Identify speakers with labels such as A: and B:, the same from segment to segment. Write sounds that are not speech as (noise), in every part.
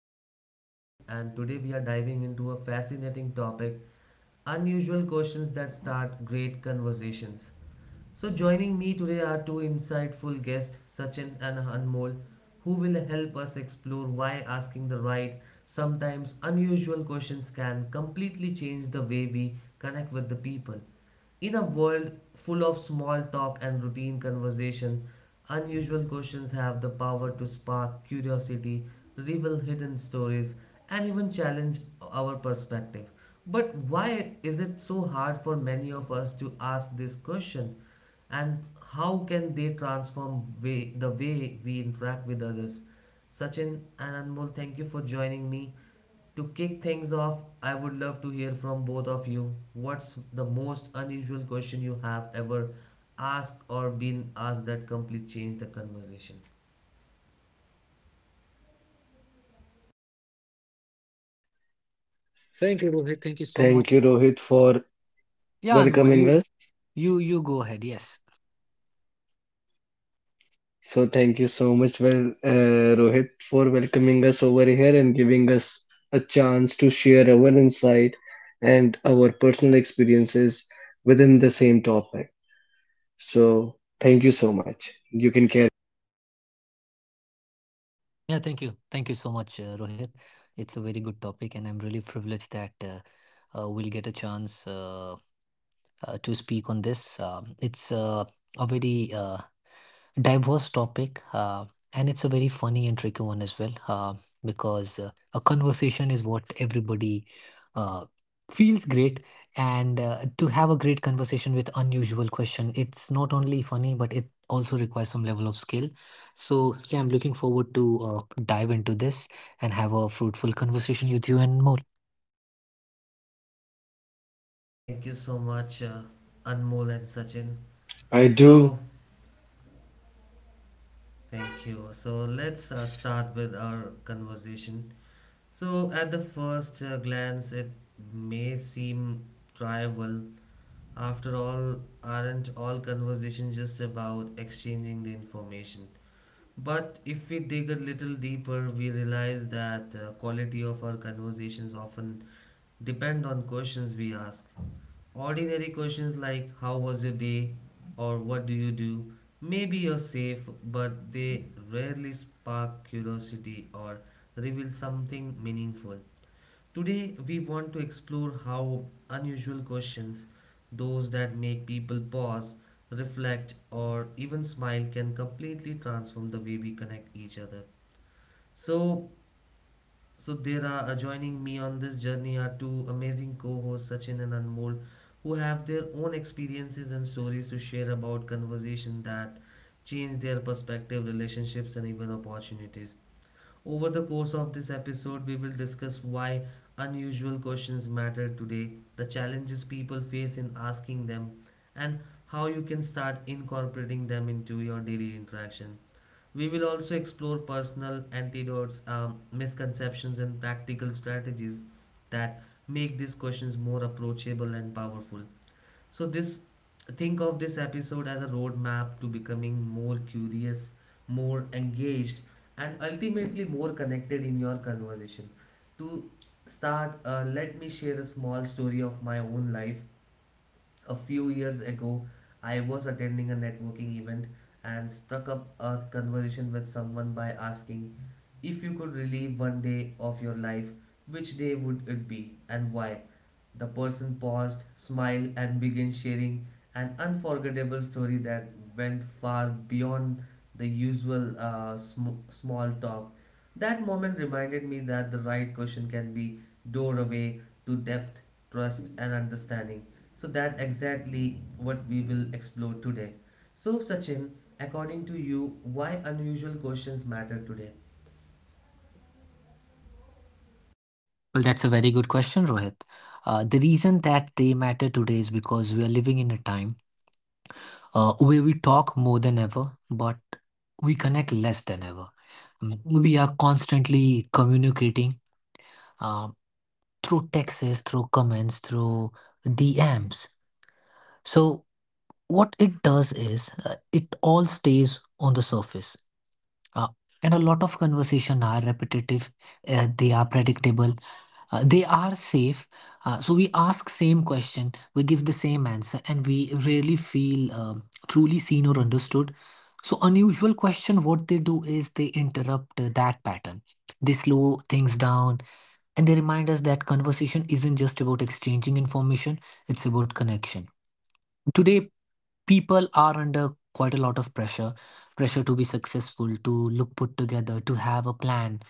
A: host Rohit, and today we are diving into a fascinating topic, unusual questions that start great conversations. So, joining me today are two insightful guests, Sachin and Anmol, who will help us explore why asking the right, sometimes unusual questions can completely change the way we connect with the people. In a world full of small talk and routine conversation, unusual questions have the power to spark curiosity, reveal hidden stories, and even challenge our perspective. But why is it so hard for many of us to ask this question? And how can they transform way, the way we interact with others. Sachin and Anmol, thank you for joining me. To kick things off, I would love to hear from both of you, what's the most unusual question you have ever asked or been asked that completely changed the conversation?
B: Thank you, Rohit. Thank you so much for yeah, Anmol. You go ahead. Yes.
C: Thank you, Rohit, for welcoming us. So, thank you so much, Rohit, for welcoming us over here and giving us a chance to share our insight and our personal experiences within the same
B: Yeah. Thank
C: topic.
B: you. Thank you so much,
C: So,
B: Rohit.
C: thank you
B: It's
C: so
B: a very
C: much.
B: good
C: You
B: topic, and
C: can
B: I'm
C: carry.
B: really privileged that we'll get a chance. To speak on this. It's a very diverse topic, and it's a very funny and tricky one as well, because a conversation is what everybody uh, feels great. And to have a great conversation with unusual question, it's not only funny, but it also requires some level of skill. So yeah, I'm looking forward to uh, dive into this and have a fruitful conversation with you and more.
A: Thank you so much, Anmol and Sachin. So thank you, so let's start with our
C: I do.
A: conversation. So, at the first glance, it may seem trivial. After all, aren't all conversations just about exchanging the information? But if we dig a little deeper, we realize that quality of our conversations often depend on questions we ask. Ordinary questions like how was your day or what do you do? Maybe you're safe, but they rarely spark curiosity or reveal something meaningful. Today, we want to explore how unusual questions, those that make people pause, reflect, or even smile, can completely transform the way we connect each other. So, so there are joining me on this journey are two amazing co-hosts, Sachin and Anmol, who have their own experiences and stories to share about conversation that change their perspective, relationships, and even opportunities. Over the course of this episode, we will discuss why unusual questions matter today, the challenges people face in asking them, and how you can start incorporating them into your daily interaction. We will also explore personal antidotes, misconceptions, and practical strategies that make these questions more approachable and powerful. So this Think of this episode as a roadmap to becoming more curious, more engaged, and ultimately more connected in your conversation. To start, let me share a small story of my own life. A few years ago, I was attending a networking event and struck up a conversation with someone by asking, if you could relive one day of your life, which day would it be and why? The person paused, smiled, and began sharing an unforgettable story that went far beyond the usual small talk. That moment reminded me that the right question can be doorway to depth, trust, and understanding. So that exactly what we will explore today. So Sachin, according to you, why unusual questions matter today?
B: Well, that's a very good question, Rohit. The reason that they matter today is because we are living in a time where we talk more than ever, but we connect less than ever. We are constantly communicating uh, through texts, through comments, through DMs. So, what it does is it all stays on the surface. Uh, and a lot of conversation are repetitive, they are predictable, they are safe. So we ask same question, we give the same answer, and we rarely feel truly seen or understood. So unusual question, what they do is they interrupt that pattern. They slow things down and they remind us that conversation isn't just about exchanging information, it's about connection. Today, people are under quite a lot of pressure to be successful, to look put together, to have a plan,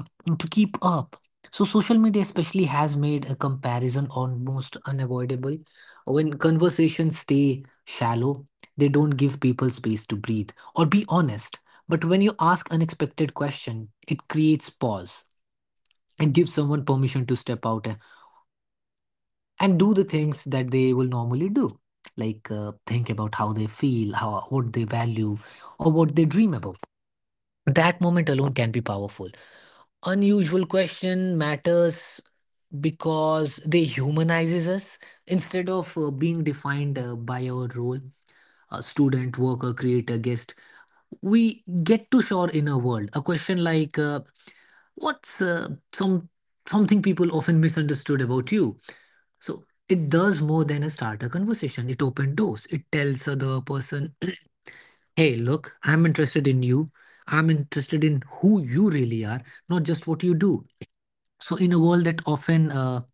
B: um, to keep up. So social media especially has made a comparison almost unavoidable. When conversations stay shallow, they don't give people space to breathe or be honest, but when you ask unexpected question, it creates pause. It gives someone permission to step out and do the things that they will normally do, like think about how they feel, how what they value, or what they dream about. That moment alone can be powerful. Unusual question matters because they humanizes us. Instead of being defined by our role, a student, worker, creator, guest, we get to shore in a world. A question like what's something people often misunderstood about you? So it does more than a start a conversation. It opens doors. It tells the other person, (clears throat) hey, look, I'm interested in you. I'm interested in who you really are, not just what you do. So in a world that often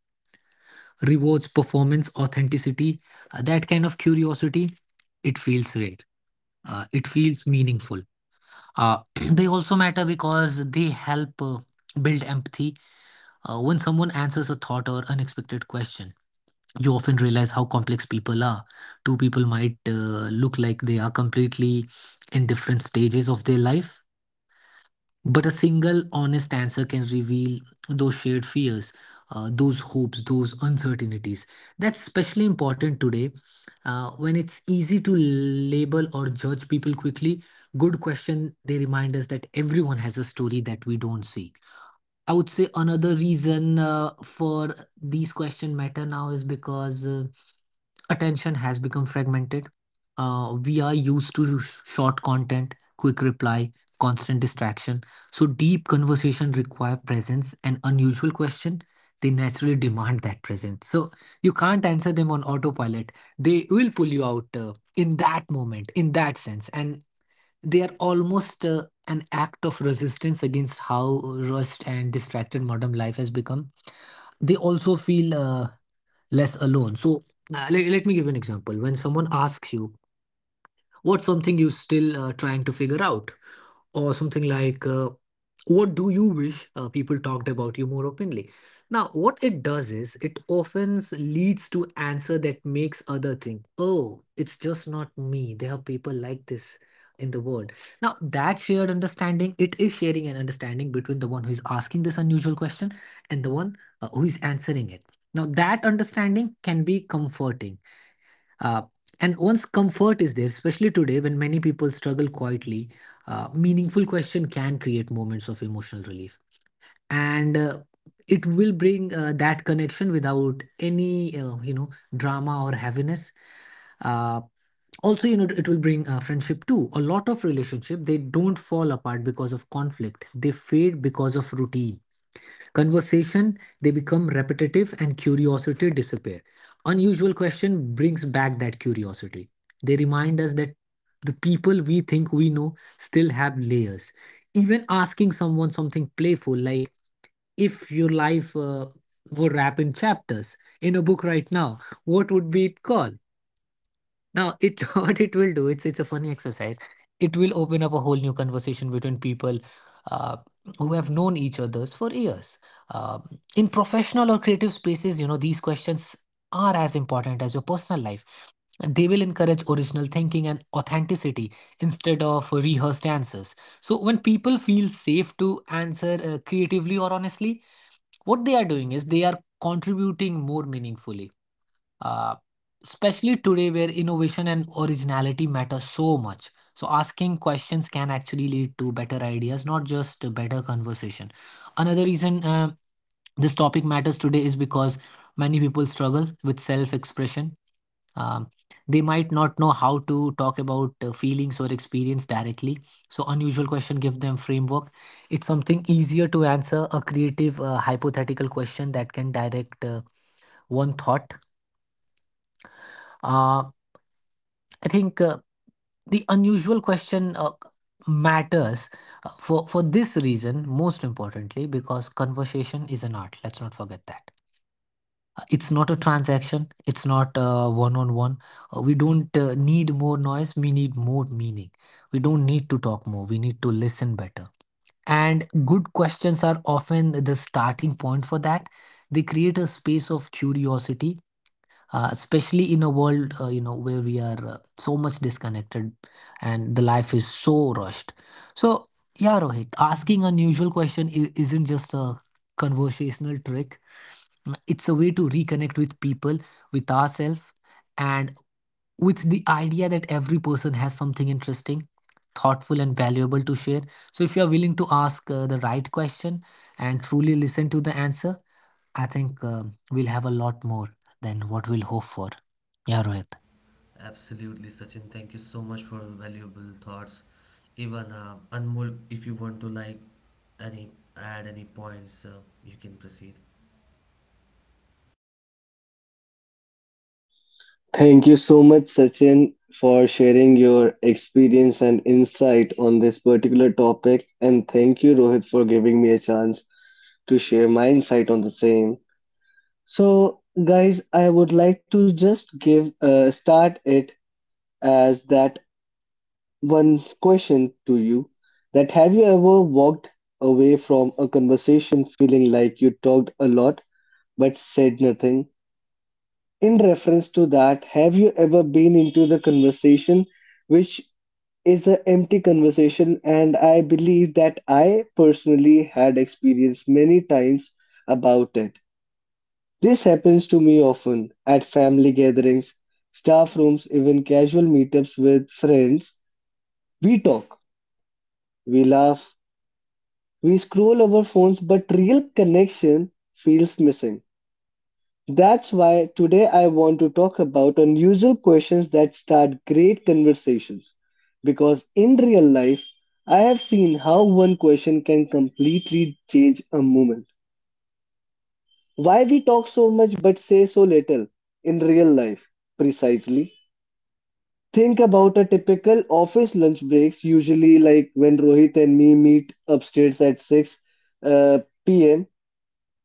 B: rewards performance, authenticity, that kind of curiosity, it feels rare. It feels meaningful. Uh, (clears throat) they also matter because they help build empathy. When someone answers a thought or unexpected question, you often realize how complex people are. Two people might look like they are completely in different stages of their life, but a single honest answer can reveal those shared fears, those hopes, those uncertainties. That's especially important today when it's easy to label or judge people quickly. Good question, they remind us that everyone has a story that we don't see. I would say another reason for these question matter now is because attention has become fragmented. We are used to short content, quick reply, constant distraction. So deep conversation require presence and unusual question. They naturally demand that presence. So you can't answer them on autopilot. They will pull you out in that moment, in that sense. And they are almost an act of resistance against how rushed and distracted modern life has become. They also feel less alone. So, let me give you an example. When someone asks you, what's something you still trying to figure out? Or something like what do you wish people talked about you more openly. Now what it does is it often leads to answer that makes other think, oh, it's just not me, there are people like this in the world. Now that shared understanding, it is sharing an understanding between the one who is asking this unusual question and the one who is answering it. Now that understanding can be comforting, uh, and once comfort is there, especially today when many people struggle quietly, meaningful question can create moments of emotional relief, and it will bring that connection without any drama or heaviness. Uh, Also, it will bring friendship too. A lot of relationship they don't fall apart because of conflict; they fade because of routine. Conversation they become repetitive and curiosity disappear. Unusual question brings back that curiosity. They remind us that the people we think we know still have layers. Even asking someone something playful like, if your life were wrapped in chapters in a book right now, what would be it called? Now, it (laughs) what it will do, it's a funny exercise. It will open up a whole new conversation between people uh, who have known each others for years. Um, in professional or creative spaces, you know, these questions are as important as your personal life. They will encourage original thinking and authenticity instead of rehearsed answers. So, when people feel safe to answer creatively or honestly, what they are doing is they are contributing more meaningfully, uh, especially today where innovation and originality matter so much. So asking questions can actually lead to better ideas, not just a better conversation. Another reason this topic matters today is because many people struggle with self-expression. um, they might not know how to talk about feelings or experience directly. So unusual question give them framework. It's something easier to answer a creative hypothetical question that can direct one thought. Uh, I think The unusual question matters for this reason most importantly, because conversation is an art, let's not forget that. It's not a transaction, it's not one on one. We don't need more noise, we need more meaning. We don't need to talk more, we need to listen better, and good questions are often the starting point for that. They create a space of curiosity, especially in a world where we are so much disconnected and the life is so rushed. So yeah, Rohit, asking unusual question isn't just a conversational trick. It's a way to reconnect with people, with ourselves, and with the idea that every person has something interesting, thoughtful, and valuable to share. So if you are willing to ask the right question and truly listen to the answer, I think we'll have a lot more than what we'll hope for. Я рад.
A: Absolutely, Sachin. Thank you so much for your valuable thoughts. Even Anmol, if you want to like any add any points, you can proceed.
C: Thank you so much, Sachin, for sharing your experience and insight on this particular topic. And thank you, Rohit, for giving me a chance to share my insight on the same. So, guys, I would like to just give start it as that one question to you: that have you ever walked away from a conversation feeling like you talked a lot but said nothing? In reference to that, have you ever been into the conversation which is an empty conversation? And I believe that I personally had experienced many times about it. This happens to me often at family gatherings, staff rooms, even casual meetups with friends. We talk, we laugh, we scroll our phones, but real connection feels missing. That's why today I want to talk about unusual questions that start great conversations. Because in real life, I have seen how one question can completely change a moment. Why we talk so much but say so little in real life, precisely. Think about a typical office lunch breaks, usually like when Rohit and me meet upstairs at 6 p.m.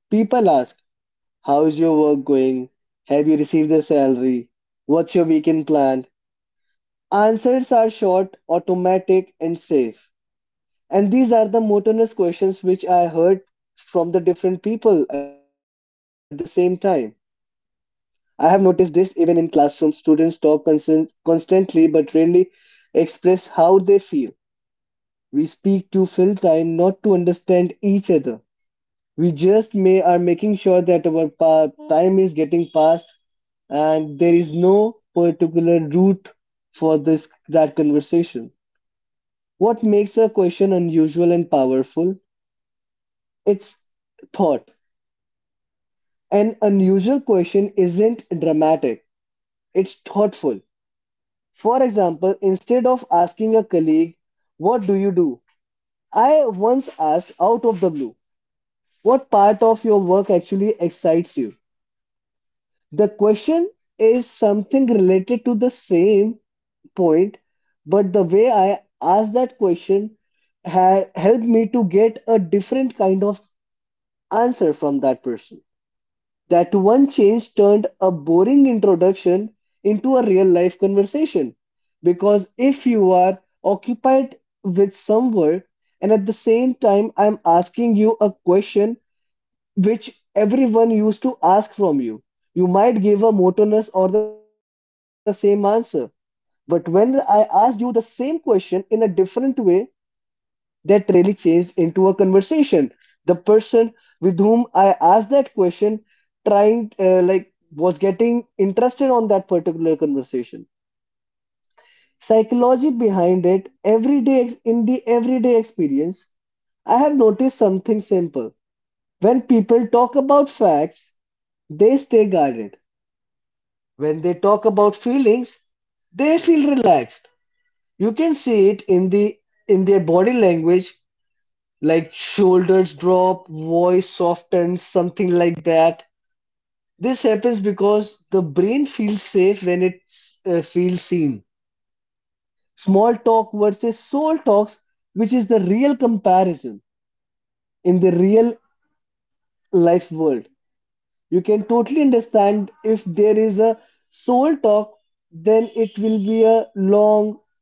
C: People ask, how is your work going? Have you received the salary? What's your weekend plan? Answers are short, automatic, and safe. And these are the monotonous questions which I heard from the different people at the same time. I have noticed this even in classrooms. Students talk constantly but rarely express how they feel. We speak to fill time, not to understand each other. We just may are making sure that our time is getting passed, and there is no particular route for this that conversation. What makes a question unusual and powerful? It's thought. An unusual question isn't dramatic. It's thoughtful. For example, instead of asking a colleague, "What do you do?" I once asked out of the blue, what part of your work actually excites you? The question is something related to the same point, but the way I asked that question helped me to get a different kind of answer from that person. That one change turned a boring introduction into a real life conversation. Because if you are occupied with some work and at the same time I'm asking you a question which everyone used to ask from you. You might give a monotonous or the same answer. But when I asked you the same question in a different way, that really changed into a conversation. The person with whom I asked that question trying, like, was getting interested on that particular conversation. Psychology behind it, everyday in the everyday experience, I have noticed something simple. When people talk about facts, they stay guarded. When they talk about feelings, they feel relaxed. You can see it in the in their body language, like shoulders drop, voice softens, something like that. This happens because the brain feels safe when it feels seen. Small talk versus soul talks, which is the real comparison in the real life world. You can totally understand if there is a soul talk, then it will be a long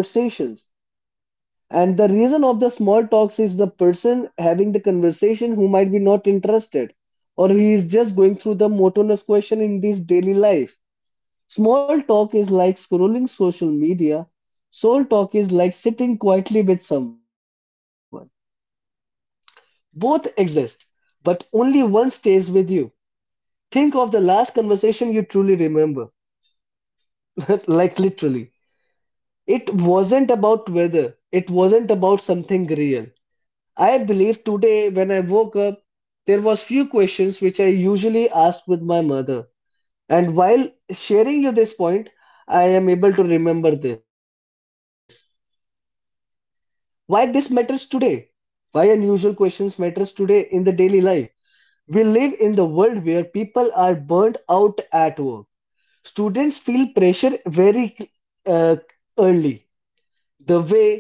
C: conversations. And the reason of the small talks is the person having the conversation who might be not interested, or he is just going through the monotonous question in this daily life. Small talk is like scrolling social media. Soul talk is like sitting quietly with someone. Both exist, but only one stays with you. Think of the last conversation you truly remember, (laughs) like literally. It wasn't about weather, it wasn't about something real. I believe today when I woke up, there was few questions which I usually asked with my mother. And while sharing you this point, I am able to remember this. Why this matters today? Why unusual questions matters today in the daily life? We live in the world where people are burnt out at work. Students feel pressure very, uh, early. The way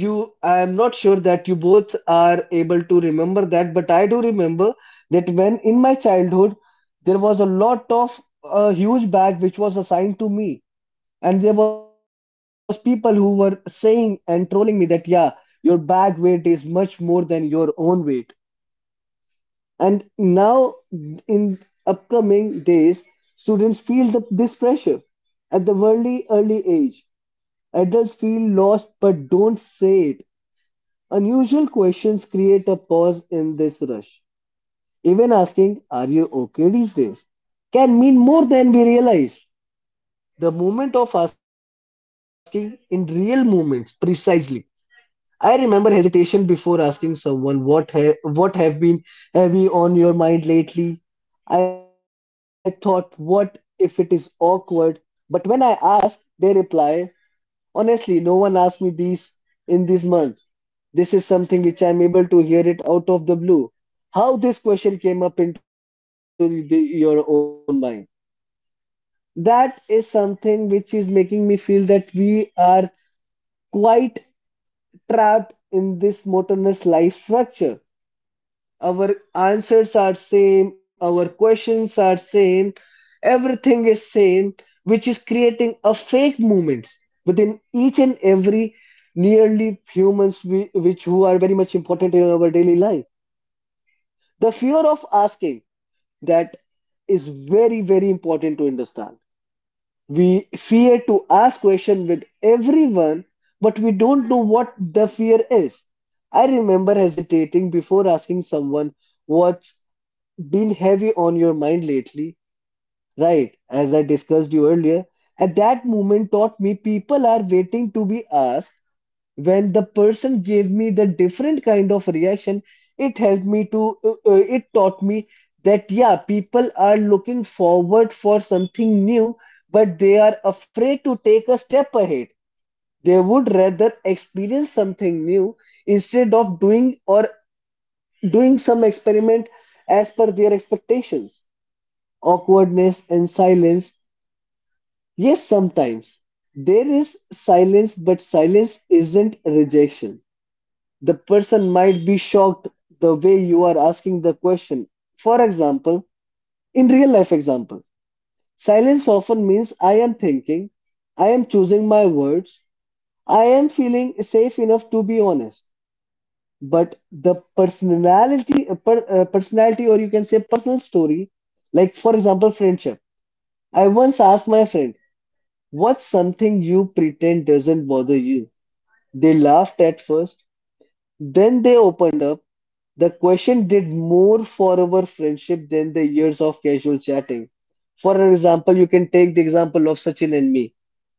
C: you, I am not sure that you both are able to remember that, but I do remember that when in my childhood there was a lot of, a huge bag which was assigned to me, and there was people who were saying and trolling me that, yeah, your bag weight is much more than your own weight. And now in upcoming days, students feel this pressure at the early age. Adults feel lost but don't say it. Unusual questions create a pause in this rush. Even asking, are you okay these days? Can mean more than we realize. The moment of asking in real moments, precisely. I remember hesitation before asking someone, what have been heavy on your mind lately? I thought, what if it is awkward? But when I ask, they reply, honestly, no one asked me these in these months. This is something which I'm able to hear it out of the blue. How this question came up into your own mind. That is something which is making me feel that we are quite trapped in this monotonous life structure. Our answers are same, our questions are same, everything is same, which is creating a fake movement within each and every nearly humans which who are very much important in our daily life. The fear of asking, that is very very important to understand. We fear to ask question with everyone, but we don't know what the fear is. I remember hesitating before asking someone, what's been heavy on your mind lately? Right, as I discussed you earlier, at that moment taught me people are waiting to be asked. When the person gave me the different kind of reaction, it helped me to, it taught me that, yeah, people are looking forward for something new, but they are afraid to take a step ahead. They would rather experience something new instead of doing or doing some experiment as per their expectations. Awkwardness, and silence. Yes, sometimes there is silence, but silence isn't rejection. The person might be shocked the way you are asking the question. For example, in real life example, silence often means I am thinking, I am choosing my words, I am feeling safe enough to be honest. But the personality, personality, or you can say personal story, like for example, friendship. I once asked my friend, what's something you pretend doesn't bother you? They laughed at first, then they opened up. The question did more for our friendship than the years of casual chatting. For example, you can take the example of Sachin and me.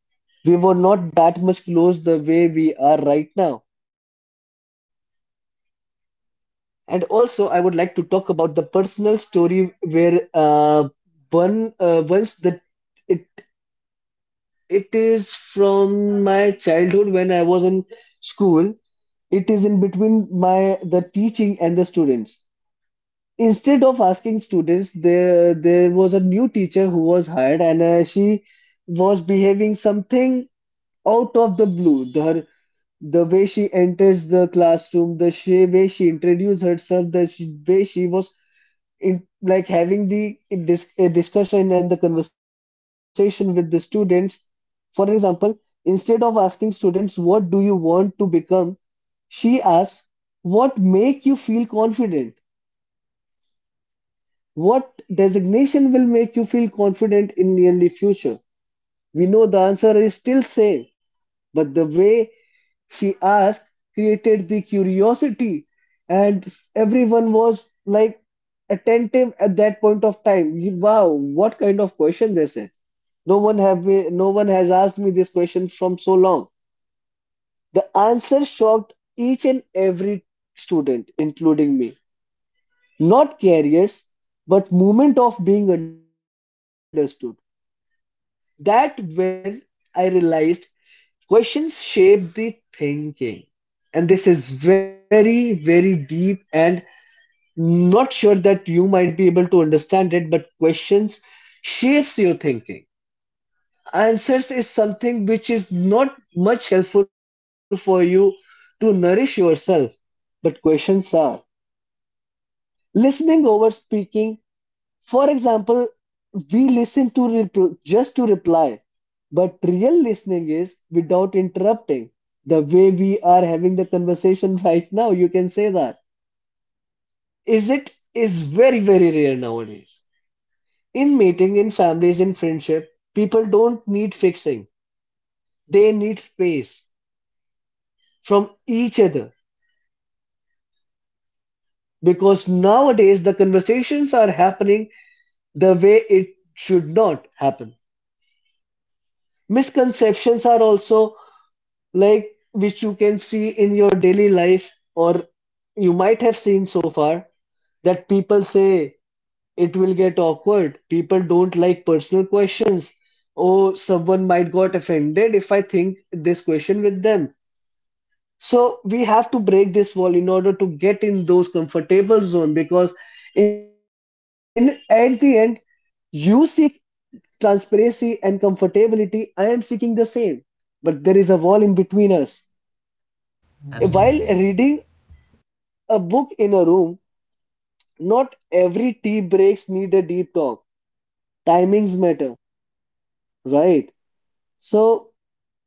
C: We were not that much close the way we are right now. And also, I would like to talk about the personal story where one once that it It is from my childhood when I was in school. It is in between my the teaching and the students. Instead of asking students, there was a new teacher who was hired, and she was behaving something out of the blue. Her, the way she enters the classroom, way she introduced herself, the way she was in, like having the a discussion and the conversation with the students. For example, instead of asking students what do you want to become, she asks what make you feel confident. What designation will make you feel confident in nearly future? We know the answer is still same, but the way she asked created the curiosity, and everyone was like attentive at that point of time. You- wow, what kind of question this is? No one have me, no one has asked me this question from so long. The answer shocked each and every student including me. Not carriers, but moment of being understood. That when I realized questions shape the thinking, and this is very very deep. And not sure that you might be able to understand it, but questions shapes your thinking. Answers is something which is not much helpful for you to nourish yourself, but questions are. Listening over speaking, for example, we listen to just to reply, but real listening is without interrupting. The way we are having the conversation (laughs) right now, you can say that. Is it, is very very rare nowadays. In mating, in families, in friendship, people don't need fixing. They need space from each other, because nowadays the conversations are happening the way it should not happen. Misconceptions are also like which you can see in your daily life or you might have seen so far that people say it will get awkward. People don't like personal questions. Oh, someone might got offended if I think this question with them. So we have to break this wall in order to get in those comfortable zone because in at the end you seek transparency and comfortability. I am seeking the same, but there is a wall in between us. While
A: Absolutely.
C: reading a book in a room, not every tea breaks need a deep talk. Timings matter, right? So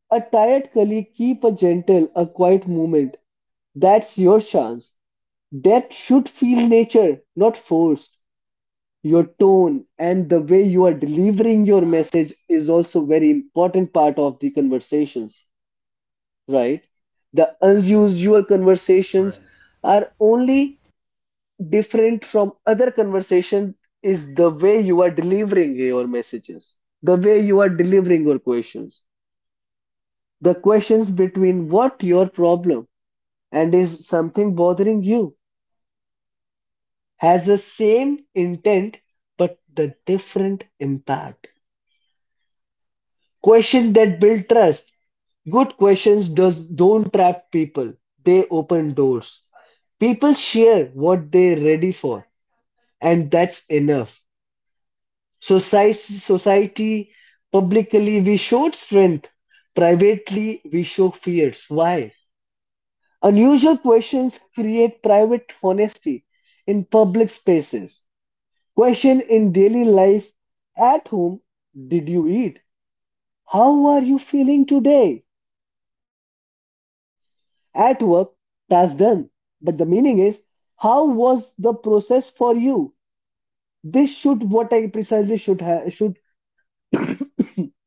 C: a tired colleague keep a gentle, a quiet moment. That's your chance. Depth should feel nature, not forced. Your tone and the way you are delivering your message is also very important part of the conversations, right? The unusual conversations
A: Right.
C: are only different from other conversation is the way you are delivering your messages, the way you are delivering your questions. The questions between what your problem and is something bothering you has the same intent but the different impact. Questions that build trust. Good questions does don't trap people. They open doors. People share what they're ready for, and that's enough. Society, publicly we showed strength. Privately we show fears. Why? Unusual questions create private honesty in public spaces. Question in daily life, at home, did you eat? How are you feeling today? At work, task done. But the meaning is, how was the process for you? This should what I precisely should sorry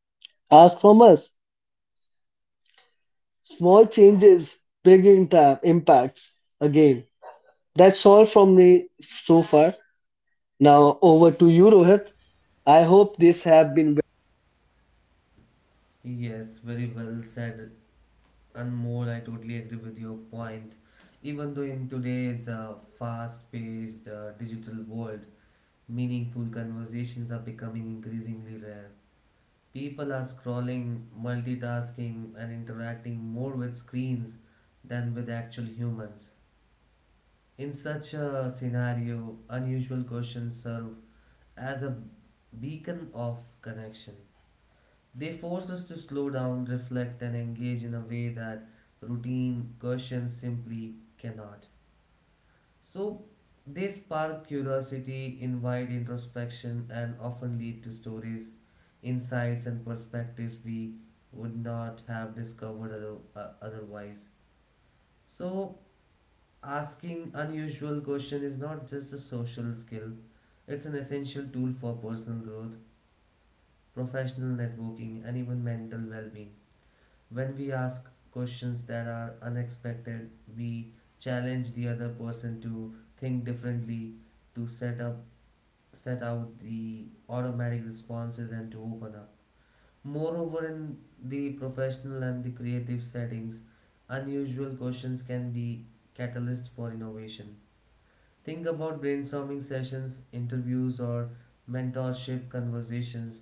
C: ask from us. Small changes, big impacts. Again, that's all from me so far. Now over to you, Rohit. I hope this have been.
A: Yes, very well said, Anmol. I totally agree with your point. Even though in today's fast-paced digital world, meaningful conversations are becoming increasingly rare. People are scrolling, multitasking, and interacting more with screens than with actual humans. In such a scenario, unusual questions serve as a beacon of connection. They force us to slow down, reflect, and engage in a way that routine questions simply cannot. So, they spark curiosity, invite introspection, and often lead to stories, insights, and perspectives we would not have discovered otherwise. So, asking unusual questions is not just a social skill; it's an essential tool for personal growth, professional networking, and even mental well-being. When we ask questions that are unexpected, we challenge the other person to think differently, to set up set out the automatic responses and to open up. Moreover, in the professional and the creative settings, unusual questions can be catalyst for innovation. Think about brainstorming sessions, interviews, or mentorship conversations.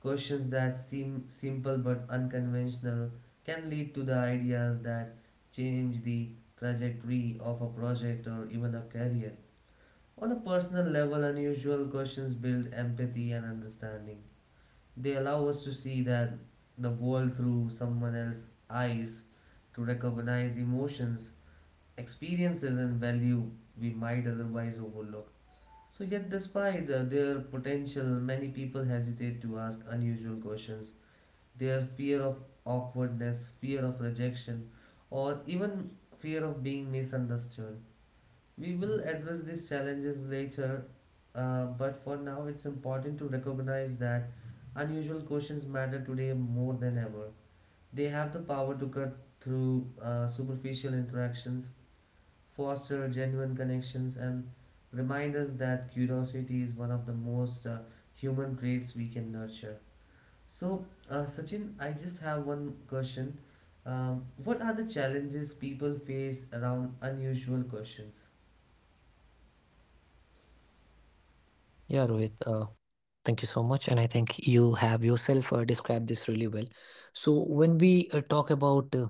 A: Questions that seem simple but unconventional can lead to the ideas that change the trajectory of a project or even a career. On a personal level, unusual questions build empathy and understanding. They allow us to see that the world through someone else's eyes, to recognize emotions, experiences, and value we might otherwise overlook. So, yet, despite their potential, many people hesitate to ask unusual questions. Their fear of awkwardness, fear of rejection, or even fear of being misunderstood. We will address these challenges later, but for now, it's important to recognize that unusual questions matter today more than ever. They have the power to cut through superficial interactions, foster genuine connections, and remind us that curiosity is one of the most human traits we can nurture. So, Sachin, I just have one question. What are the challenges people face around unusual questions?
D: Yeah, Rohit, thank you so much. And I think you have yourself described this really well. So, when we talk about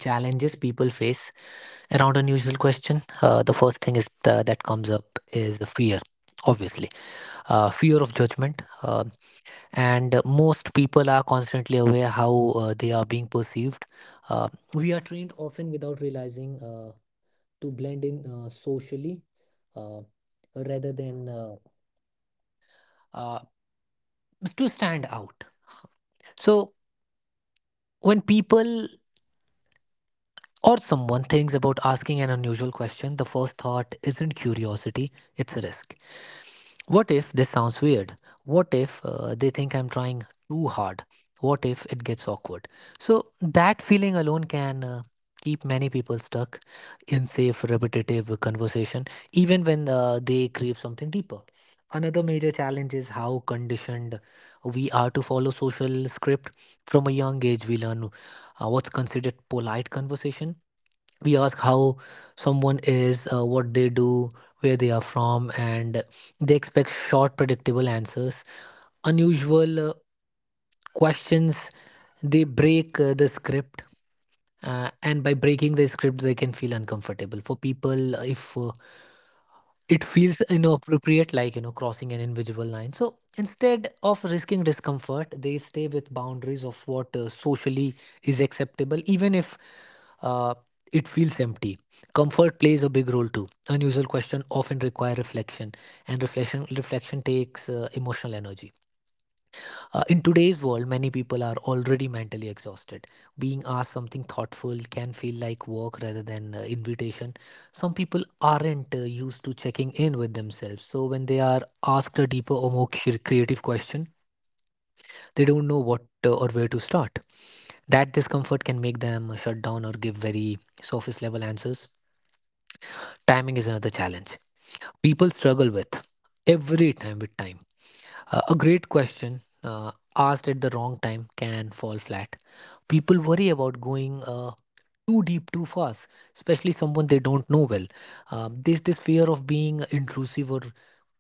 D: challenges people face around unusual question, the first thing is that comes up is the fear, obviously, fear of judgment. And most people are constantly aware how they are being perceived. We are trained often without realizing to blend in socially uh, rather than uh, to stand out. So, when people or someone thinks about asking an unusual question, the first thought isn't curiosity, it's a risk. What if this sounds weird? What if they think I'm trying too hard? What if it gets awkward? So, that feeling alone can keep many people stuck in safe, repetitive conversation, even when they crave something deeper. Another major challenge is how conditioned we are to follow social script. From a young age, we learn what's considered polite conversation. We ask how someone is, what they do, where they are from, and they expect short, predictable answers. Unusual questions, they break the script. And by breaking the script, they can feel uncomfortable. For people, if it feels inappropriate, like you know, crossing an invisible line. So instead of risking discomfort, they stay with boundaries of what socially is acceptable, even if uh, it feels empty. Comfort plays a big role too. Unusual question often require reflection, and reflection takes emotional energy. In today's world, many people are already mentally exhausted. Being asked something thoughtful can feel like work rather than invitation. Some people aren't used to checking in with themselves, so when they are asked a deeper or more creative question, they don't know what or where to start. That discomfort can make them shut down or give very surface level answers. Timing is another challenge people struggle with every time with time. A great question asked at the wrong time can fall flat. People worry about going too deep too fast, especially someone they don't know well. This fear of being intrusive or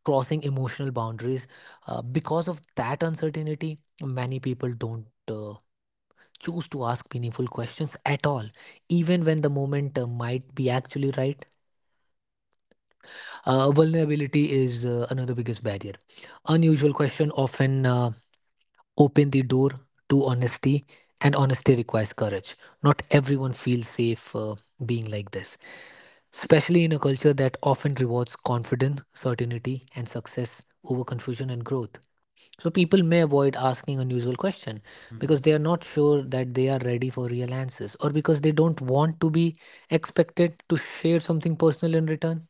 D: crossing emotional boundaries. Because of that uncertainty, many people don't. Choose to ask meaningful questions at all, even when the moment might be actually right. Vulnerability is another biggest barrier. Unusual question often open the door to honesty, and honesty requires courage. Not everyone feels safe being like this, especially in a culture that often rewards confidence, certainty, and success over confusion and growth. So, people may avoid asking unusual questions because they are not sure that they are ready for real answers, or because they don't want to be expected to share something personal in return.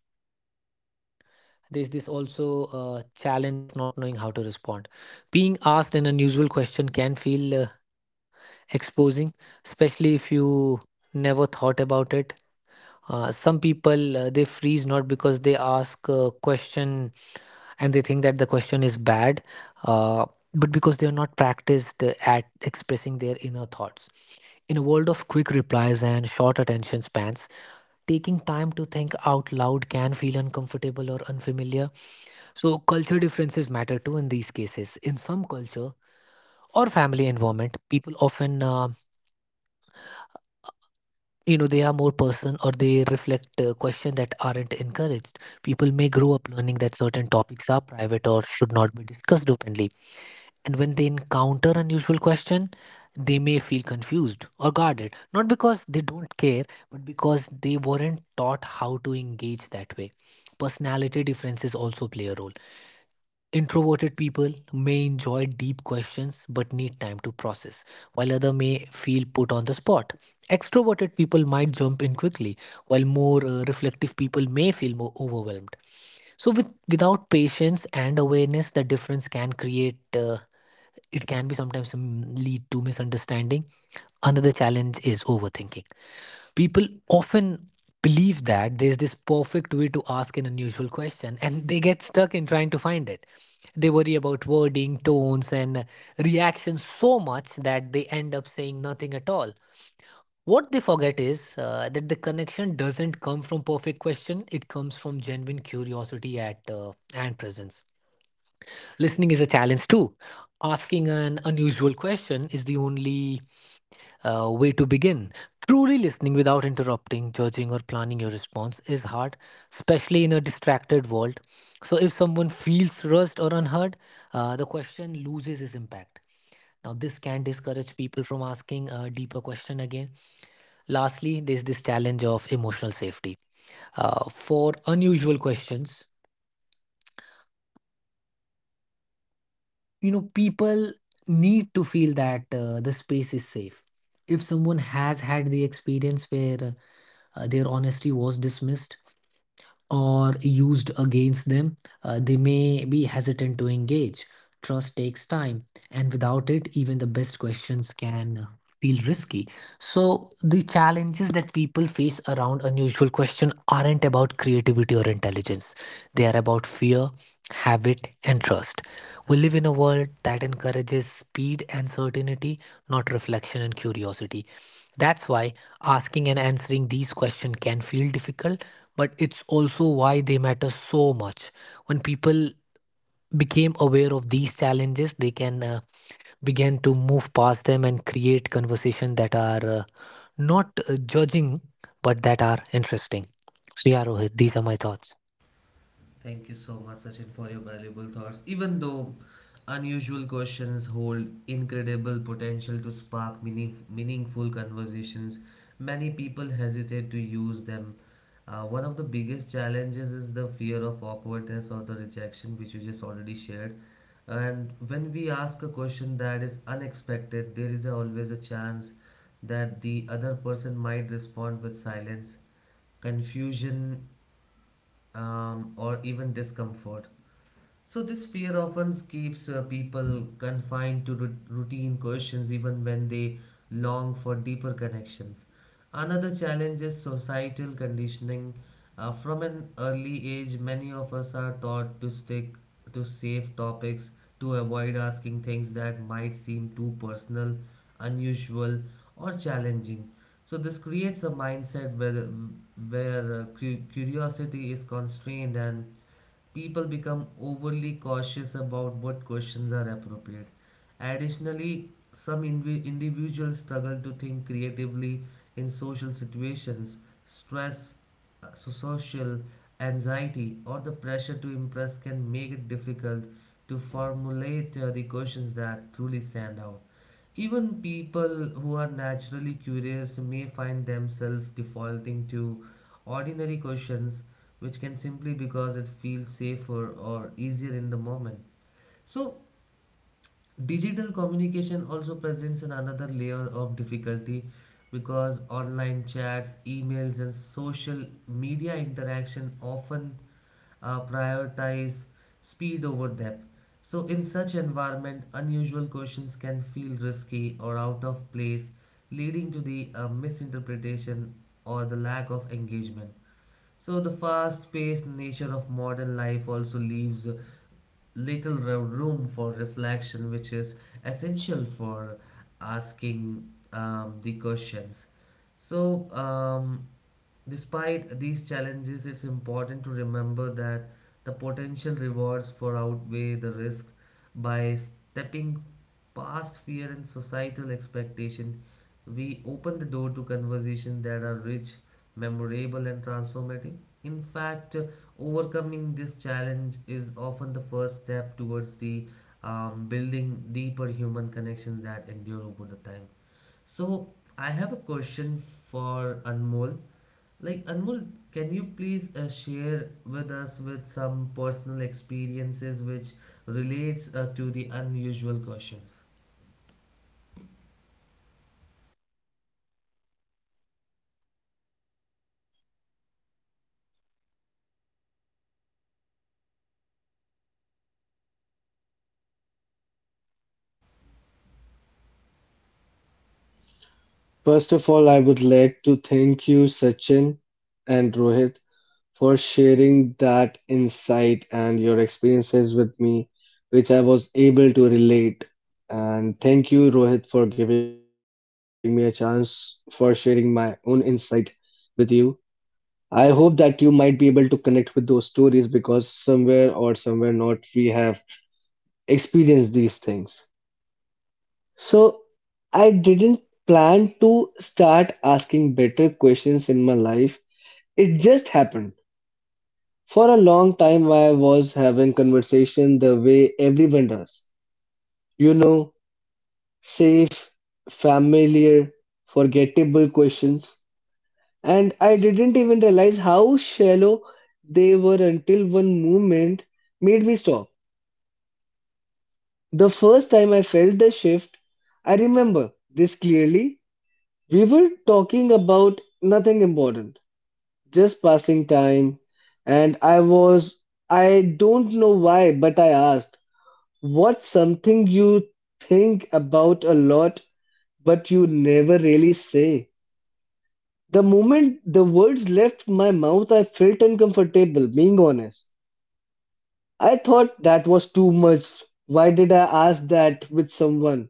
D: There's this also challenge of not knowing how to respond. Being asked an unusual question can feel exposing, especially if you never thought about it. Some people they freeze, not because they ask a question and they think that the question is bad, uh, but because they are not practiced at expressing their inner thoughts. In a world of quick replies and short attention spans, taking time to think out loud can feel uncomfortable or unfamiliar. So culture differences matter too in these cases. In some culture or family environment, people often you know, they are more person, or they reflect questions that aren't encouraged. People may grow up learning that certain topics are private or should not be discussed openly, and when they encounter unusual question, they may feel confused or guarded, not because they don't care, but because they weren't taught how to engage that way. Personality differences also play a role. Introverted people may enjoy deep questions but need time to process, while others may feel put on the spot. Extroverted people might jump in quickly, while more reflective people may feel more overwhelmed. So, without patience and awareness, the difference can create. It can be sometimes lead to misunderstanding. Another challenge is overthinking. People often believe that there's this perfect way to ask an unusual question, and they get stuck in trying to find it. They worry about wording, tones, and reactions so much that they end up saying nothing at all. What they forget is that the connection doesn't come from perfect question, it comes from genuine curiosity at and presence. Listening is a challenge too. Asking an unusual question is the only way to begin. Truly listening without interrupting, judging, or planning your response is hard, especially in a distracted world. So, if someone feels rushed or unheard, the question loses its impact. Now, this can discourage people from asking a deeper question again. Lastly, there's this challenge of emotional safety. For unusual questions, you know, people need to feel that the space is safe. If someone has had the experience where their honesty was dismissed or used against them, they may be hesitant to engage. Trust takes time, and without it, even the best questions can feel risky. So, the challenges that people face around unusual question aren't about creativity or intelligence. They are about fear, habit, and trust. We live in a
A: Absolutely.
D: world that encourages speed and certainty, not reflection and curiosity. That's why asking and answering these questions can feel difficult, but it's also why they matter so much. When people became aware of these challenges, they can begin to move past them and create conversation that are not judging, but that are interesting. So yeah, Rohit, these are my thoughts.
A: Thank you so much, Sachin, for your valuable thoughts. Even though unusual questions hold incredible potential to spark meaningful conversations, many people hesitate to use them. One of the biggest challenges is the fear of awkwardness or the rejection, which you just already shared. And when we ask a question that is unexpected, there is always a chance that the other person might respond with silence, confusion, or even discomfort. So this fear often keeps people confined to routine questions even when they long for deeper connections. Another challenge is societal conditioning. From an early age, many of us are taught to stick to safe topics, to avoid asking things that might seem too personal, unusual, or challenging. So this creates a mindset where curiosity is constrained and people become overly cautious about what questions are appropriate. Additionally, some individuals struggle to think creatively in social situations, stress, so social anxiety, or the pressure to impress can make it difficult to formulate the questions that truly stand out. Even people who are naturally curious may find themselves defaulting to ordinary questions which can simply because it feels safer or easier in the moment. So, digital communication also presents an another layer of difficulty because online chats, emails, and social media interaction often prioritize speed over depth. So, in such environment, unusual questions can feel risky or out of place, leading to the misinterpretation or the lack of engagement. So the fast-paced nature of modern life also leaves little room for reflection, which is essential for asking the questions. So, despite these challenges, it's important to remember that the potential rewards for outweigh the risk. By stepping past fear and societal expectation, we open the door to conversations that are rich, memorable, and transformative. In fact, overcoming this challenge is often the first step towards the building deeper human connections that endure over the time. So, I have a question for Anmol. Like Anmol, can you please share with us with some personal experiences which relates to the unusual questions?
C: First of all, I would like to thank you, Sachin, and Rohit for sharing that insight and your experiences with me, which I was able to relate. And thank you, Rohit, for giving me a chance for sharing my own insight with you. I hope that you might be able to connect with those stories because somewhere or somewhere not, we have experienced these things. So, I didn't plan to start asking better questions in my life, it just happened. For a long time, I was having conversation the way everyone does. You know, safe, familiar, forgettable questions. And I didn't even realize how shallow they were until one movement made me stop. The first time I felt the shift, I remember this clearly. We were talking about nothing important, just passing time. And I was, I don't know why, but I asked. What's something you think about a lot but you never really say? The moment the words left my mouth, I felt uncomfortable, being honest. I thought that was too much. Why did I ask that with someone?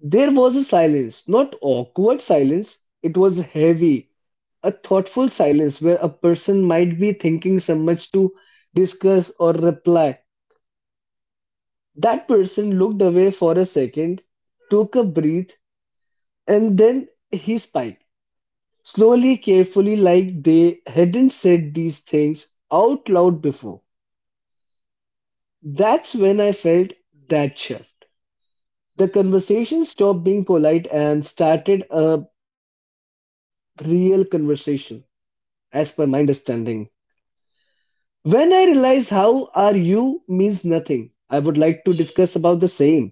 C: There was a silence, not awkward silence, it was heavy, a thoughtful silence where a person might be thinking so much to discuss or reply. That person looked away for a second, took a breath, and then he spiked, slowly, carefully, like they hadn't said these things out loud before. That's when I felt that shift. The conversation stopped being polite and started a real conversation, as per my understanding. When I realized how are you means nothing, I would like to discuss about the same.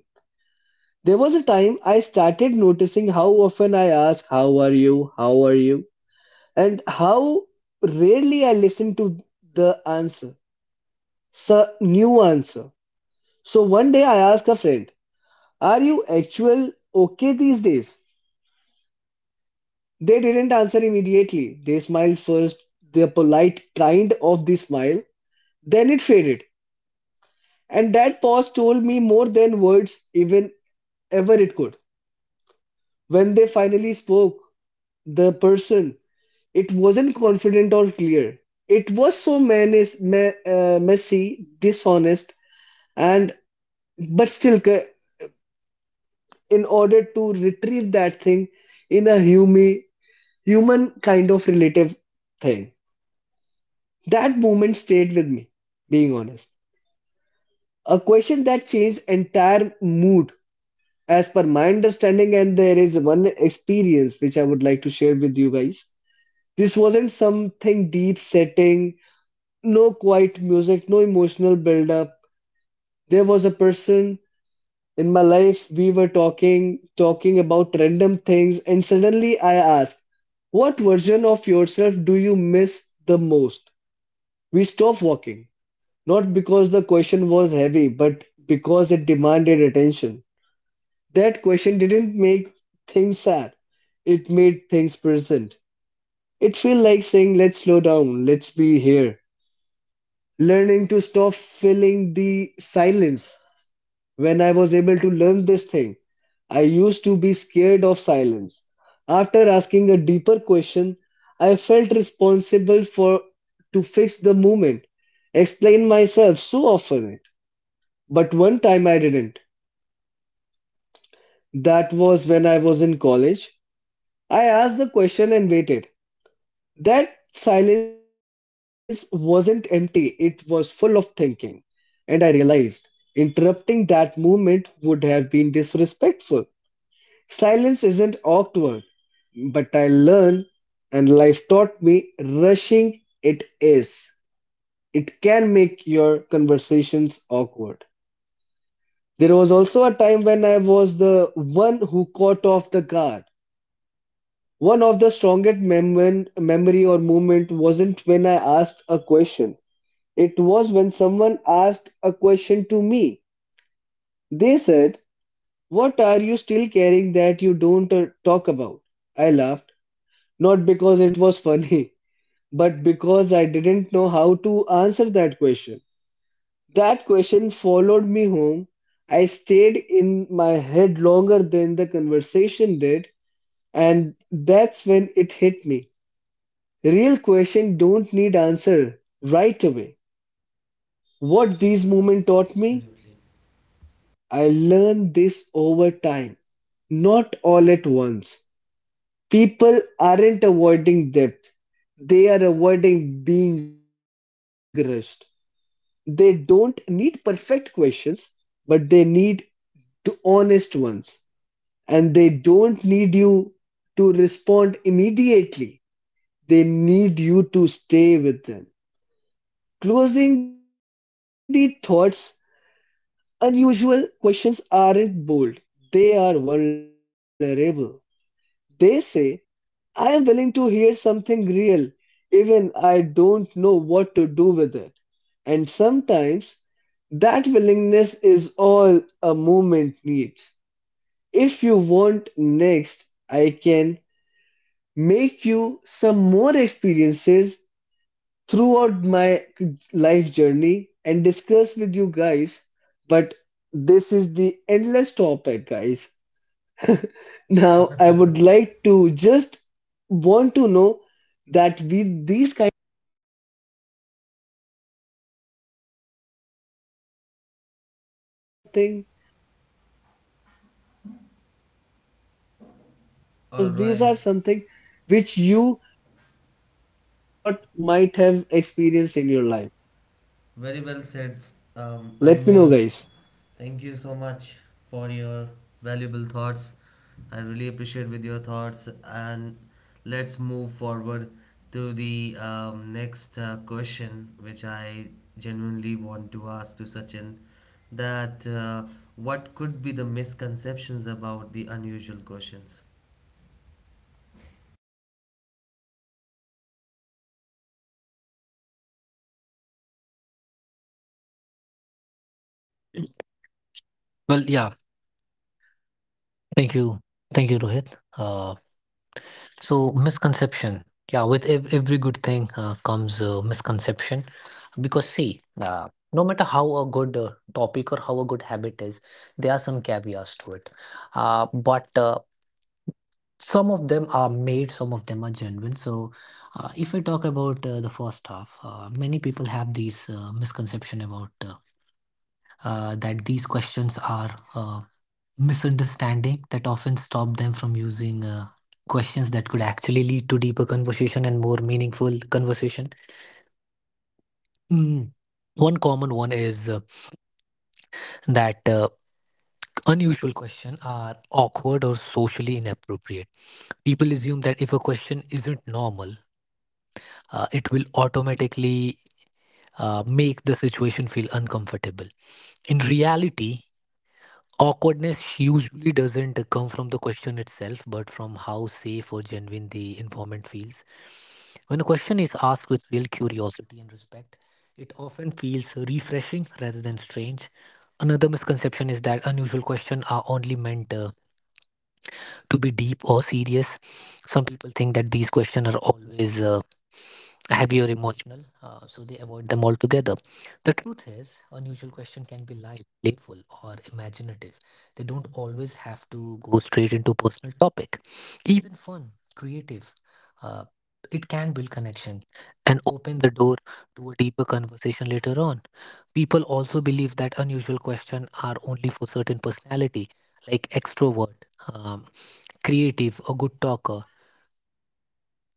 C: There was a time I started noticing how often I ask, how are you? How are you? And how rarely I listen to the answer, the new answer. So one day I asked a friend, are you actual okay these days? They didn't answer immediately. They smiled first, their polite kind of the smile, then it faded. And that pause told me more than words even ever it could. When they finally spoke, the person, it wasn't confident or clear. It was so messy, dishonest, and but still in order to retrieve that thing in a human kind of relative thing. That moment stayed with me, being honest, a question that changed entire mood, as per my understanding. And there is one experience which I would like to share with you guys. This wasn't something deep setting, no quiet music, no emotional build up. There was a person in my life, we were talking about random things and suddenly I asked, what version of yourself do you miss the most? We stopped walking, not because the question was heavy but because it demanded attention. That question didn't make things sad, it made things present. It felt like saying let's slow down, let's be here. Learning to stop filling the silence. When I was able to learn this thing, I used to be scared of silence. After asking a deeper question, I felt responsible for to fix the movement, explain myself so often. But one time I didn't. That was when I was in college. I asked the question and waited. That silence wasn't empty, it was full of thinking. And I realized interrupting that movement would have been disrespectful. Silence isn't awkward, but I learned and life taught me rushing it is. It can make your conversations awkward. There was also a time when I was the one who caught off the guard. One of the strongest memory or moment wasn't when I asked a question. It was when someone asked a question to me. They said, "What are you still carrying that you don't talk about?" I laughed, not because it was funny, but because I didn't know how to answer that question. That question followed me home. I stayed in my head longer than the conversation did, and that's when it hit me. Real questions don't need answer right away. What these moments taught
A: Absolutely.
C: me, I learned this over time, not all at once. People aren't avoiding depth, they are avoiding being rushed. They don't need perfect questions, but they need to honest ones. And they don't need you to respond immediately. They need you to stay with them. Closing the thoughts, unusual questions aren't bold. They are vulnerable. They say, I am willing to hear something real, even I don't know what to do with it. And sometimes that willingness is all a movement needs. If you want next, I can make you some more experiences throughout my life journey and discuss with you guys. But this is the endless topic, guys. Now, I would like to just want to know that we these kind with something because these
A: All
C: are
A: right.
C: something which you not might have experienced in your life.
A: Very well said,
C: Let me know, guys.
A: Anmol. Thank you so much for your valuable thoughts. I really appreciate with your thoughts, and let's move forward to the next question, which I genuinely want to ask to Sachin. That what could be the misconceptions about the unusual questions?
D: Well, yeah, thank you, thank you, Rohit. Uh, so misconception, yeah, with every good thing comes misconception. Because see, no matter how a good topic or how a good habit is, there are some caveats to it. But some of them are made, some of them are genuine. So, if I talk about the first half, many people have these misconception about that these questions are misunderstanding that often stop them from using questions that could actually lead to deeper conversation and more meaningful conversation. Mm. One common one is that. Unusual questions are awkward or socially inappropriate. People assume that if a question isn't normal, it will automatically make the situation feel uncomfortable. In reality, awkwardness usually doesn't come from the question itself, but from how safe or genuine the informant feels. When a question is asked with real curiosity and respect, it often feels refreshing rather than strange. Another misconception is that unusual questions are only meant to be deep or serious. Some people think that these questions are always heavy or emotional, so they avoid them altogether. The truth is unusual question can be light, playful, or imaginative. They don't always have to go straight into personal topic. Even fun, creative, uh, it can build connection and open the door to a deeper conversation later on. People also believe that unusual questions are only for certain personality, like extrovert, creative, a good talker.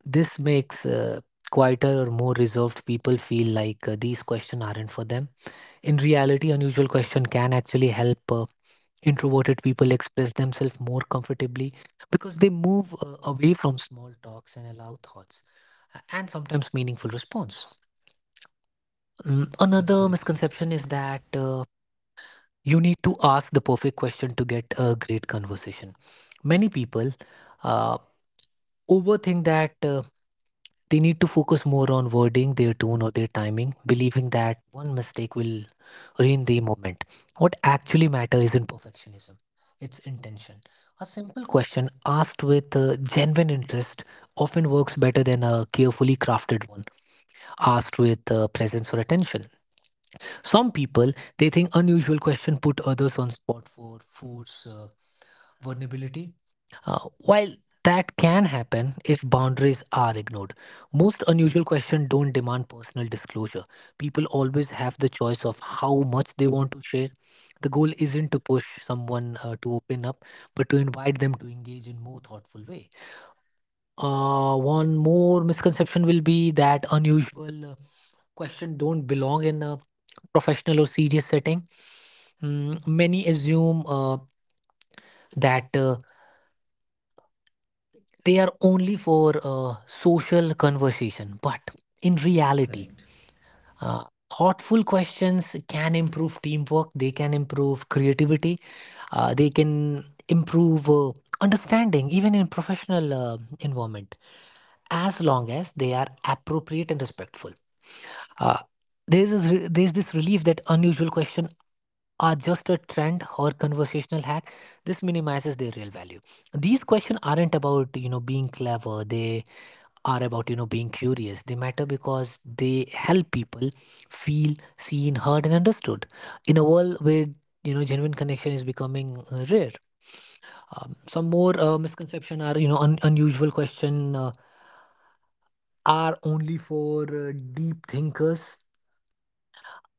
D: This makes quieter or more reserved people feel like these questions aren't for them. In reality, unusual question can actually help introverted people express themselves more comfortably, because they move away from small talks and allow thoughts and sometimes meaningful response. Another
A: Absolutely
D: misconception is that you need to ask the perfect question to get a great conversation. Many people uh, overthink that. They need to focus more on wording, their tone, or their timing, believing that one mistake will ruin the moment. What actually matters isn't perfectionism, it's intention. A simple question asked with genuine interest often works better than a carefully crafted one asked with presence or attention. Some people they think unusual question put others on spot for force vulnerability. While that can happen if boundaries are ignored, most unusual questions don't demand personal disclosure. People always have the choice of how much they want to share. The goal isn't to push someone to open up, but to invite them to engage in more thoughtful way. One more misconception will be that unusual question don't belong in a professional or serious setting. Many assume that they are only for social conversation. But in reality,
A: correct.
D: uh, thoughtful questions can improve teamwork, they can improve creativity, they can improve understanding, even in professional environment, as long as they are appropriate and respectful. Uh, there's this there's this relief that unusual questions are just a trend or conversational hack. This minimizes their real value. These questions aren't about, you know, being clever. They are about being curious. They matter because they help people feel seen, heard and understood in a world where genuine connection is becoming rare. Some more misconception are unusual question are only for deep thinkers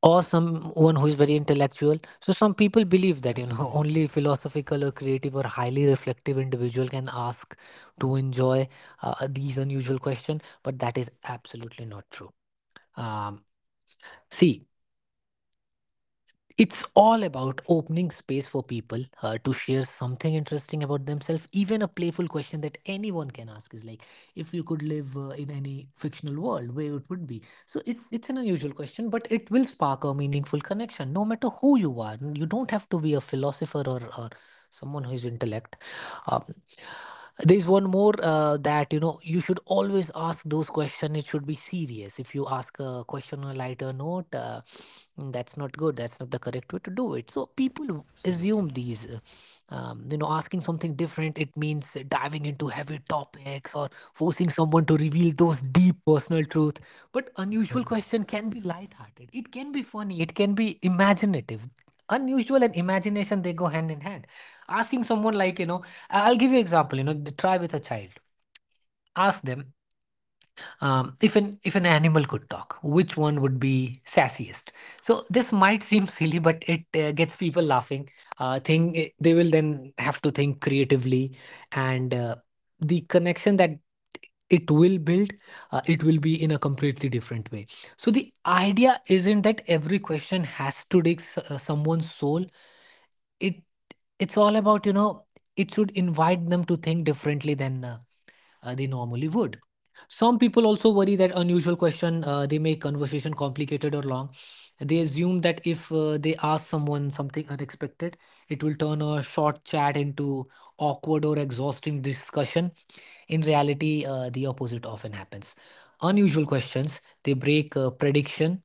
D: or someone who is very intellectual. So some people believe that (laughs)
A: Absolutely,
D: only philosophical or creative or highly reflective individual can ask to enjoy these unusual questions, but that is absolutely not true. Um, See, it's all about opening space for people to share something interesting about themselves. Even a playful question that anyone can ask is like, if you could live in any fictional world, where it would be. So it's an unusual question, but it will spark a meaningful connection, no matter who you are. You don't have to be a philosopher, or someone who is intellect. um, there's one more that you should always ask those questions, it should be serious. If you ask a question on a lighter note, that's not good, that's not the correct way to do it. So people assume
A: absolutely
D: these asking something different, it means diving into heavy topics or forcing someone to reveal those deep personal truth. But unusual question can be lighthearted, it can be funny, it can be imaginative. Unusual and imagination, they go hand in hand. Asking someone like I'll give you example. You know the try with a child. Ask them, if an animal could talk, which one would be sassiest. So this might seem silly, but it gets people laughing. Think they will then have to think creatively, and the connection that it will build, it will be in a completely different way. So the idea isn't that every question has to dig someone's soul. It it's all about it should invite them to think differently than they normally would. Some people also worry that unusual question, they make conversation complicated or long. They assume that if they ask someone something unexpected, it will turn a short chat into awkward or exhausting discussion. In reality, the opposite often happens. Unusual questions, they break prediction,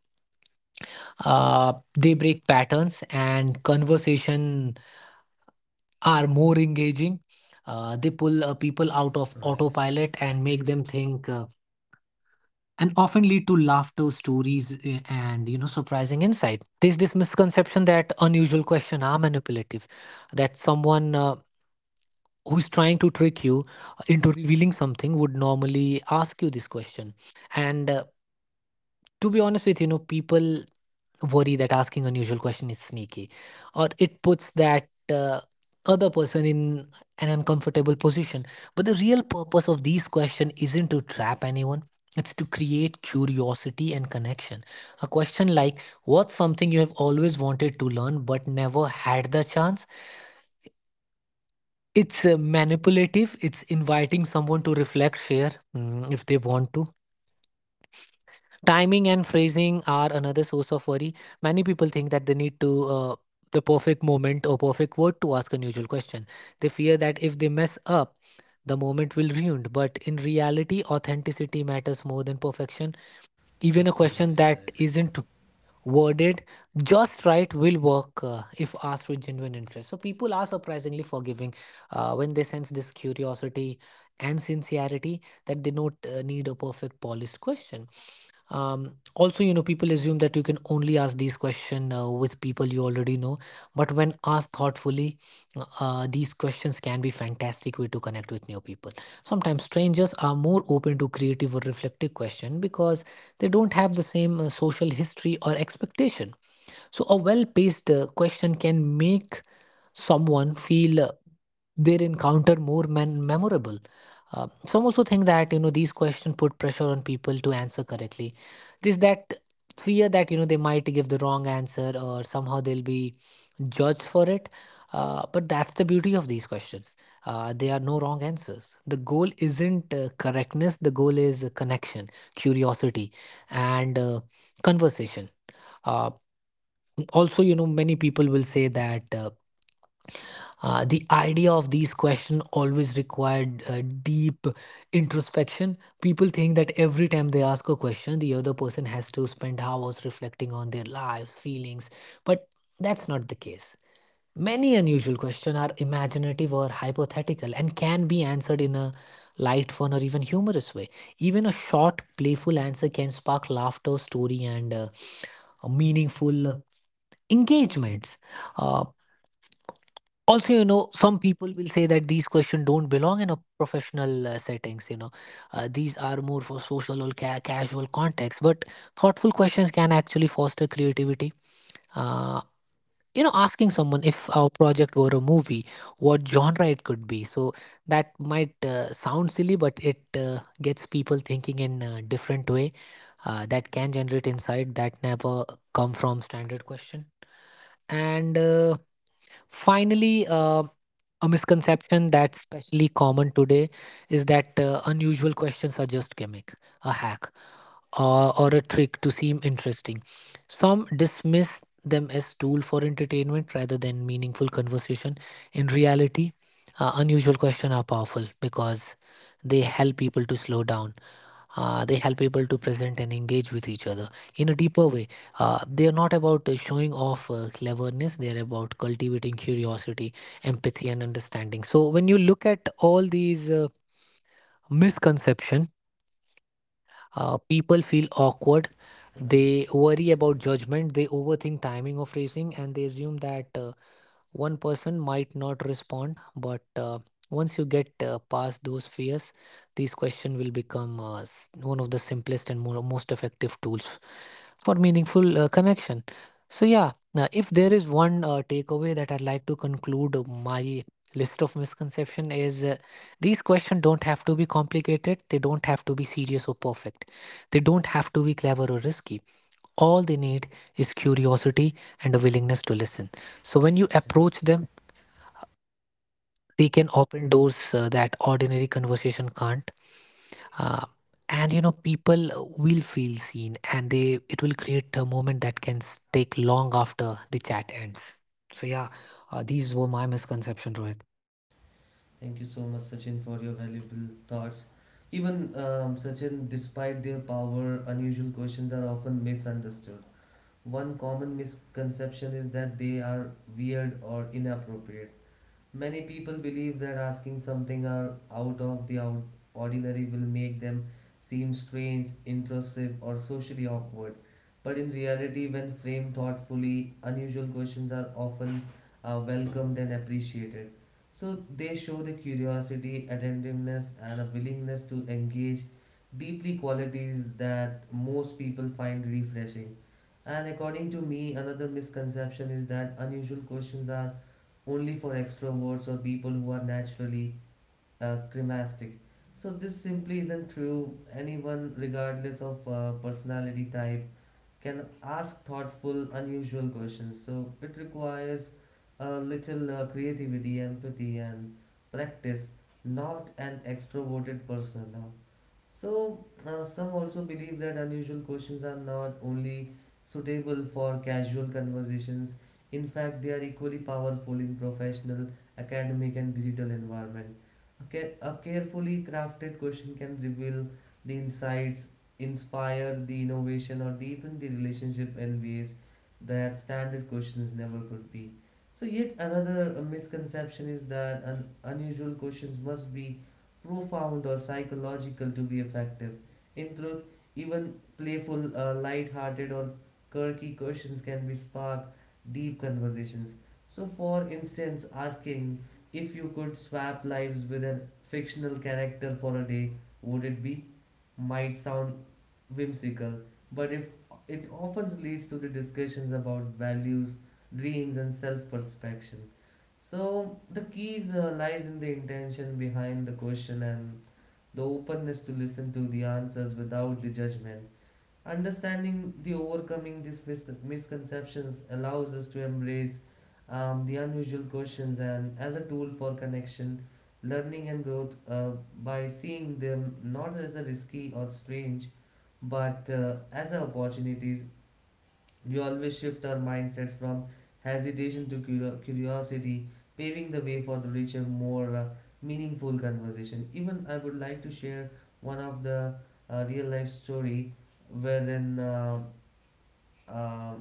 D: uh, they break patterns, and conversation are more engaging. They pull people out of
A: right.
D: autopilot and make them think. And often lead to laughter, stories, and surprising insight. There's this misconception that unusual questions are manipulative, that someone, who's trying to trick you into revealing something would normally ask you this question. And to be honest with you, you know people worry that asking unusual question is sneaky or it puts that, other person in an uncomfortable position. But the real purpose of these questions isn't to trap anyone, it's to create curiosity and connection. A question like, what's something you have always wanted to learn but never had the chance, it's manipulative, it's inviting someone to reflect, share, if they want to. Timing and phrasing are another source of worry. Many people think that they need to, the perfect moment or perfect word to ask unusual question. They fear that if they mess up, the moment will ruined. But in reality, authenticity matters more than perfection. Even a question
A: Absolutely
D: that
A: correct.
D: isn't worded just right will work if asked with genuine interest. So people are surprisingly forgiving when they sense this curiosity and sincerity, that they don't need a perfect polished question. Also, people assume that you can only ask these questions with people you already know. But when asked thoughtfully, these questions can be fantastic way to connect with new people. Sometimes strangers are more open to creative or reflective question because they don't have the same social history or expectation. So a well-paced question can make someone feel, their encounter more memorable. Some also think that these questions put pressure on people to answer correctly. This that fear that they might give the wrong answer or somehow they'll be judged for it. But that's the beauty of these questions. There are no wrong answers. The goal isn't correctness. The goal is connection, curiosity, and conversation. Uh, Also, you know, many people will say that. The idea of these questions always required deep introspection. People think that every time they ask a question, the other person has to spend hours reflecting on their lives, feelings, but that's not the case. Many unusual questions are imaginative or hypothetical and can be answered in a light, fun, or even humorous way. Even a short, playful answer can spark laughter, story, and meaningful engagements. Uh, Also, some people will say that these questions don't belong in a professional settings, these are more for social or casual context. But thoughtful questions can actually foster creativity. uh, Asking someone if our project were a movie, what genre it could be. So that might sound silly, but it gets people thinking in a different way that can generate insight that never come from standard question. And Finally, a misconception that's especially common today is that unusual questions are just gimmick, a hack, or a trick to seem interesting. Some dismiss them as tool for entertainment rather than meaningful conversation. In reality, unusual questions are powerful because they help people to slow down, they help people to present and engage with each other in a deeper way. They are not about showing off cleverness, they are about cultivating curiosity, empathy, and understanding. So, when you look at all these misconceptions, people feel awkward,
A: Right.
D: they worry about judgment, they overthink timing of racing, and they assume that. One person might not respond, but once you get past those fears, these questions will become, one of the simplest and most effective tools for meaningful connection. So yeah, now if there is one takeaway that I'd like to conclude my list of misconception is, these questions don't have to be complicated, they don't have to be serious or perfect, they don't have to be clever or risky. All they need is curiosity and a willingness to listen. So when you approach
A: Absolutely.
D: them, they can open doors that ordinary conversation can't. Uh, and you know, people will feel seen, and they it will create a moment that can take long after the chat ends. So yeah, these were my misconceptions, Rohit.
A: Thank you so much, Sachin, for your valuable thoughts. Even Sachin, despite their power, unusual questions are often misunderstood. One common misconception is that they are weird or inappropriate. Many people believe that asking something are out of the ordinary will make them seem strange, intrusive, or socially awkward. But in reality, when framed thoughtfully, unusual questions are often welcomed and appreciated. So they show the curiosity, attentiveness, and a willingness to engage deeply qualities that most people find refreshing. And according to me, another misconception is that unusual questions are only for extroverts or people who are naturally cremastic. So this simply isn't true. Anyone, regardless of personality type, can ask thoughtful, unusual questions. So it requires a little creativity, empathy, and practice. Not an extroverted person. Now, so, some also believe that unusual questions are not only suitable for casual conversations, in fact, they are equally powerful in professional, academic, and digital environment. A carefully crafted question can reveal the insights, inspire the innovation, or deepen the relationship in ways that standard questions never could be. So, yet another misconception is that unusual questions must be profound or psychological to be effective. In truth, even playful, light-hearted, or quirky questions can be spark deep conversations. So, for instance, asking if you could swap lives with a fictional character for a day, would it be? Might sound whimsical, but if it often leads to the discussions about values, dreams, and self-perception. So the keys lies in the intention behind the question and the openness to listen to the answers without the judgment. Understanding the overcoming these misconceptions allows us to embrace the unusual questions and as a tool for connection, learning, and growth by seeing them not as a risky or strange, but as opportunities we always shift our mindset from hesitation to curiosity, paving the way for the richer, more meaningful conversation. Even I would like to share one of the real life story wherein uh,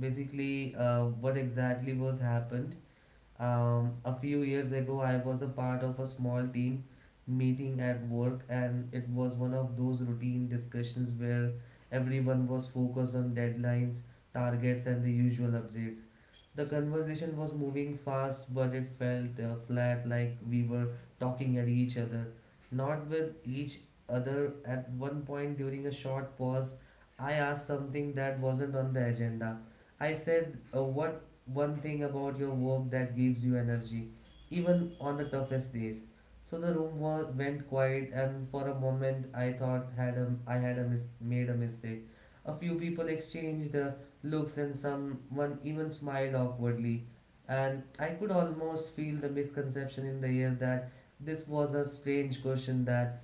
A: basically what exactly was happened a few years ago, I was a part of a small team meeting at work, and it was one of those routine discussions where everyone was focused on deadlines, targets, and the usual updates. The conversation was moving fast, but it felt flat, like we were talking at each other, not with each other. At one point during a short pause, I asked something that wasn't on the agenda. I said, what one thing about your work that gives you energy, even on the toughest days? So the went quiet, and for a moment I thought I had a made a mistake. A few people exchanged looks, and someone even smiled awkwardly. And I could almost feel the misconception in the air that this was a strange question, that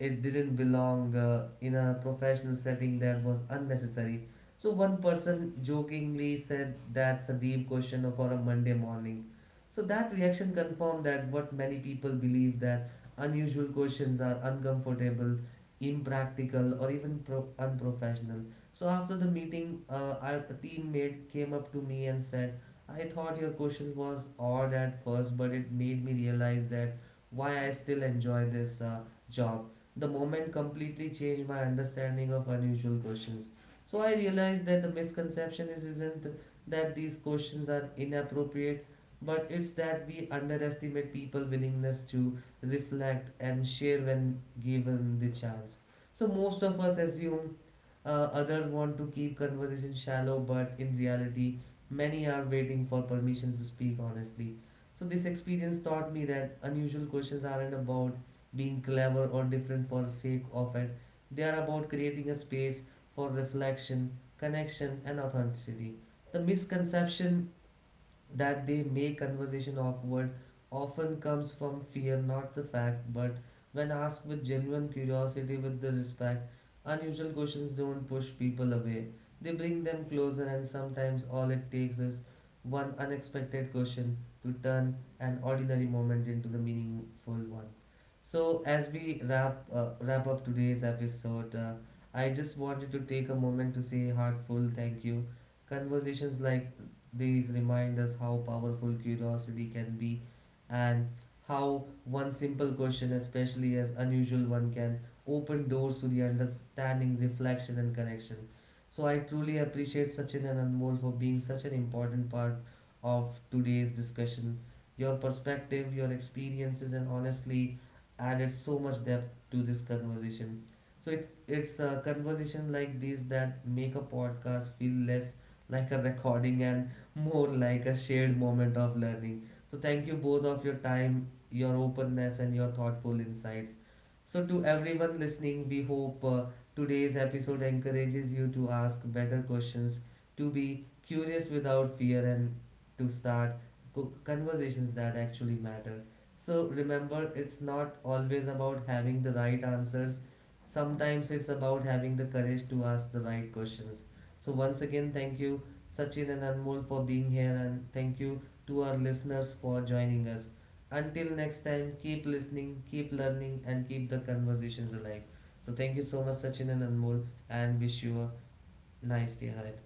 A: it didn't belong in a professional setting, that was unnecessary. So one person jokingly said that's a deep question for a Monday morning. So that reaction confirmed that what many people believe, that unusual questions are uncomfortable, impractical, or even unprofessional. So after the meeting, our teammate came up to me and said, "I thought your questions was odd at first, but it made me realize that why I still enjoy this job." The moment completely changed my understanding of unusual questions. So I realized that the misconception is isn't that these questions are inappropriate, but it's that we underestimate people' willingness to reflect and share when given the chance. So most of us assume uh, others want to keep conversation shallow, but in reality, many are waiting for permission to speak honestly. So, this experience taught me that unusual questions aren't about being clever or different for sake of it, they are about creating a space for reflection, connection, and authenticity. The misconception that they make conversation awkward often comes from fear, not the fact, but when asked with genuine curiosity, with the respect, unusual questions don't push people away. They bring them closer, and sometimes all it takes is one unexpected question to turn an ordinary moment into the meaningful one. So, as we wrap up today's episode, I just wanted to take a moment to say heartful thank you. Conversations like these remind us how powerful curiosity can be and how one simple question, especially as unusual one, can open doors to the understanding, reflection, and connection. So I truly appreciate Sachin and Anmol for being such an important part of today's discussion. Your perspective, your experiences, and honestly added so much depth to this conversation. So it's a conversation like these that make a podcast feel less like a recording and more like a shared moment of learning. So thank you both of your time, your openness and your thoughtful insights. So to everyone listening, we hope today's episode encourages you to ask better questions, to be curious without fear and to start conversations that actually matter. So remember, it's not always about having the right answers. Sometimes it's about having the courage to ask the right questions. So once again, thank you Sachin and Anmol for being here, and thank you to our listeners for joining us. Until next time, keep listening, keep learning, and keep the conversations alive. So, thank you so much, Sachin and Anmol, and wish you a nice day ahead.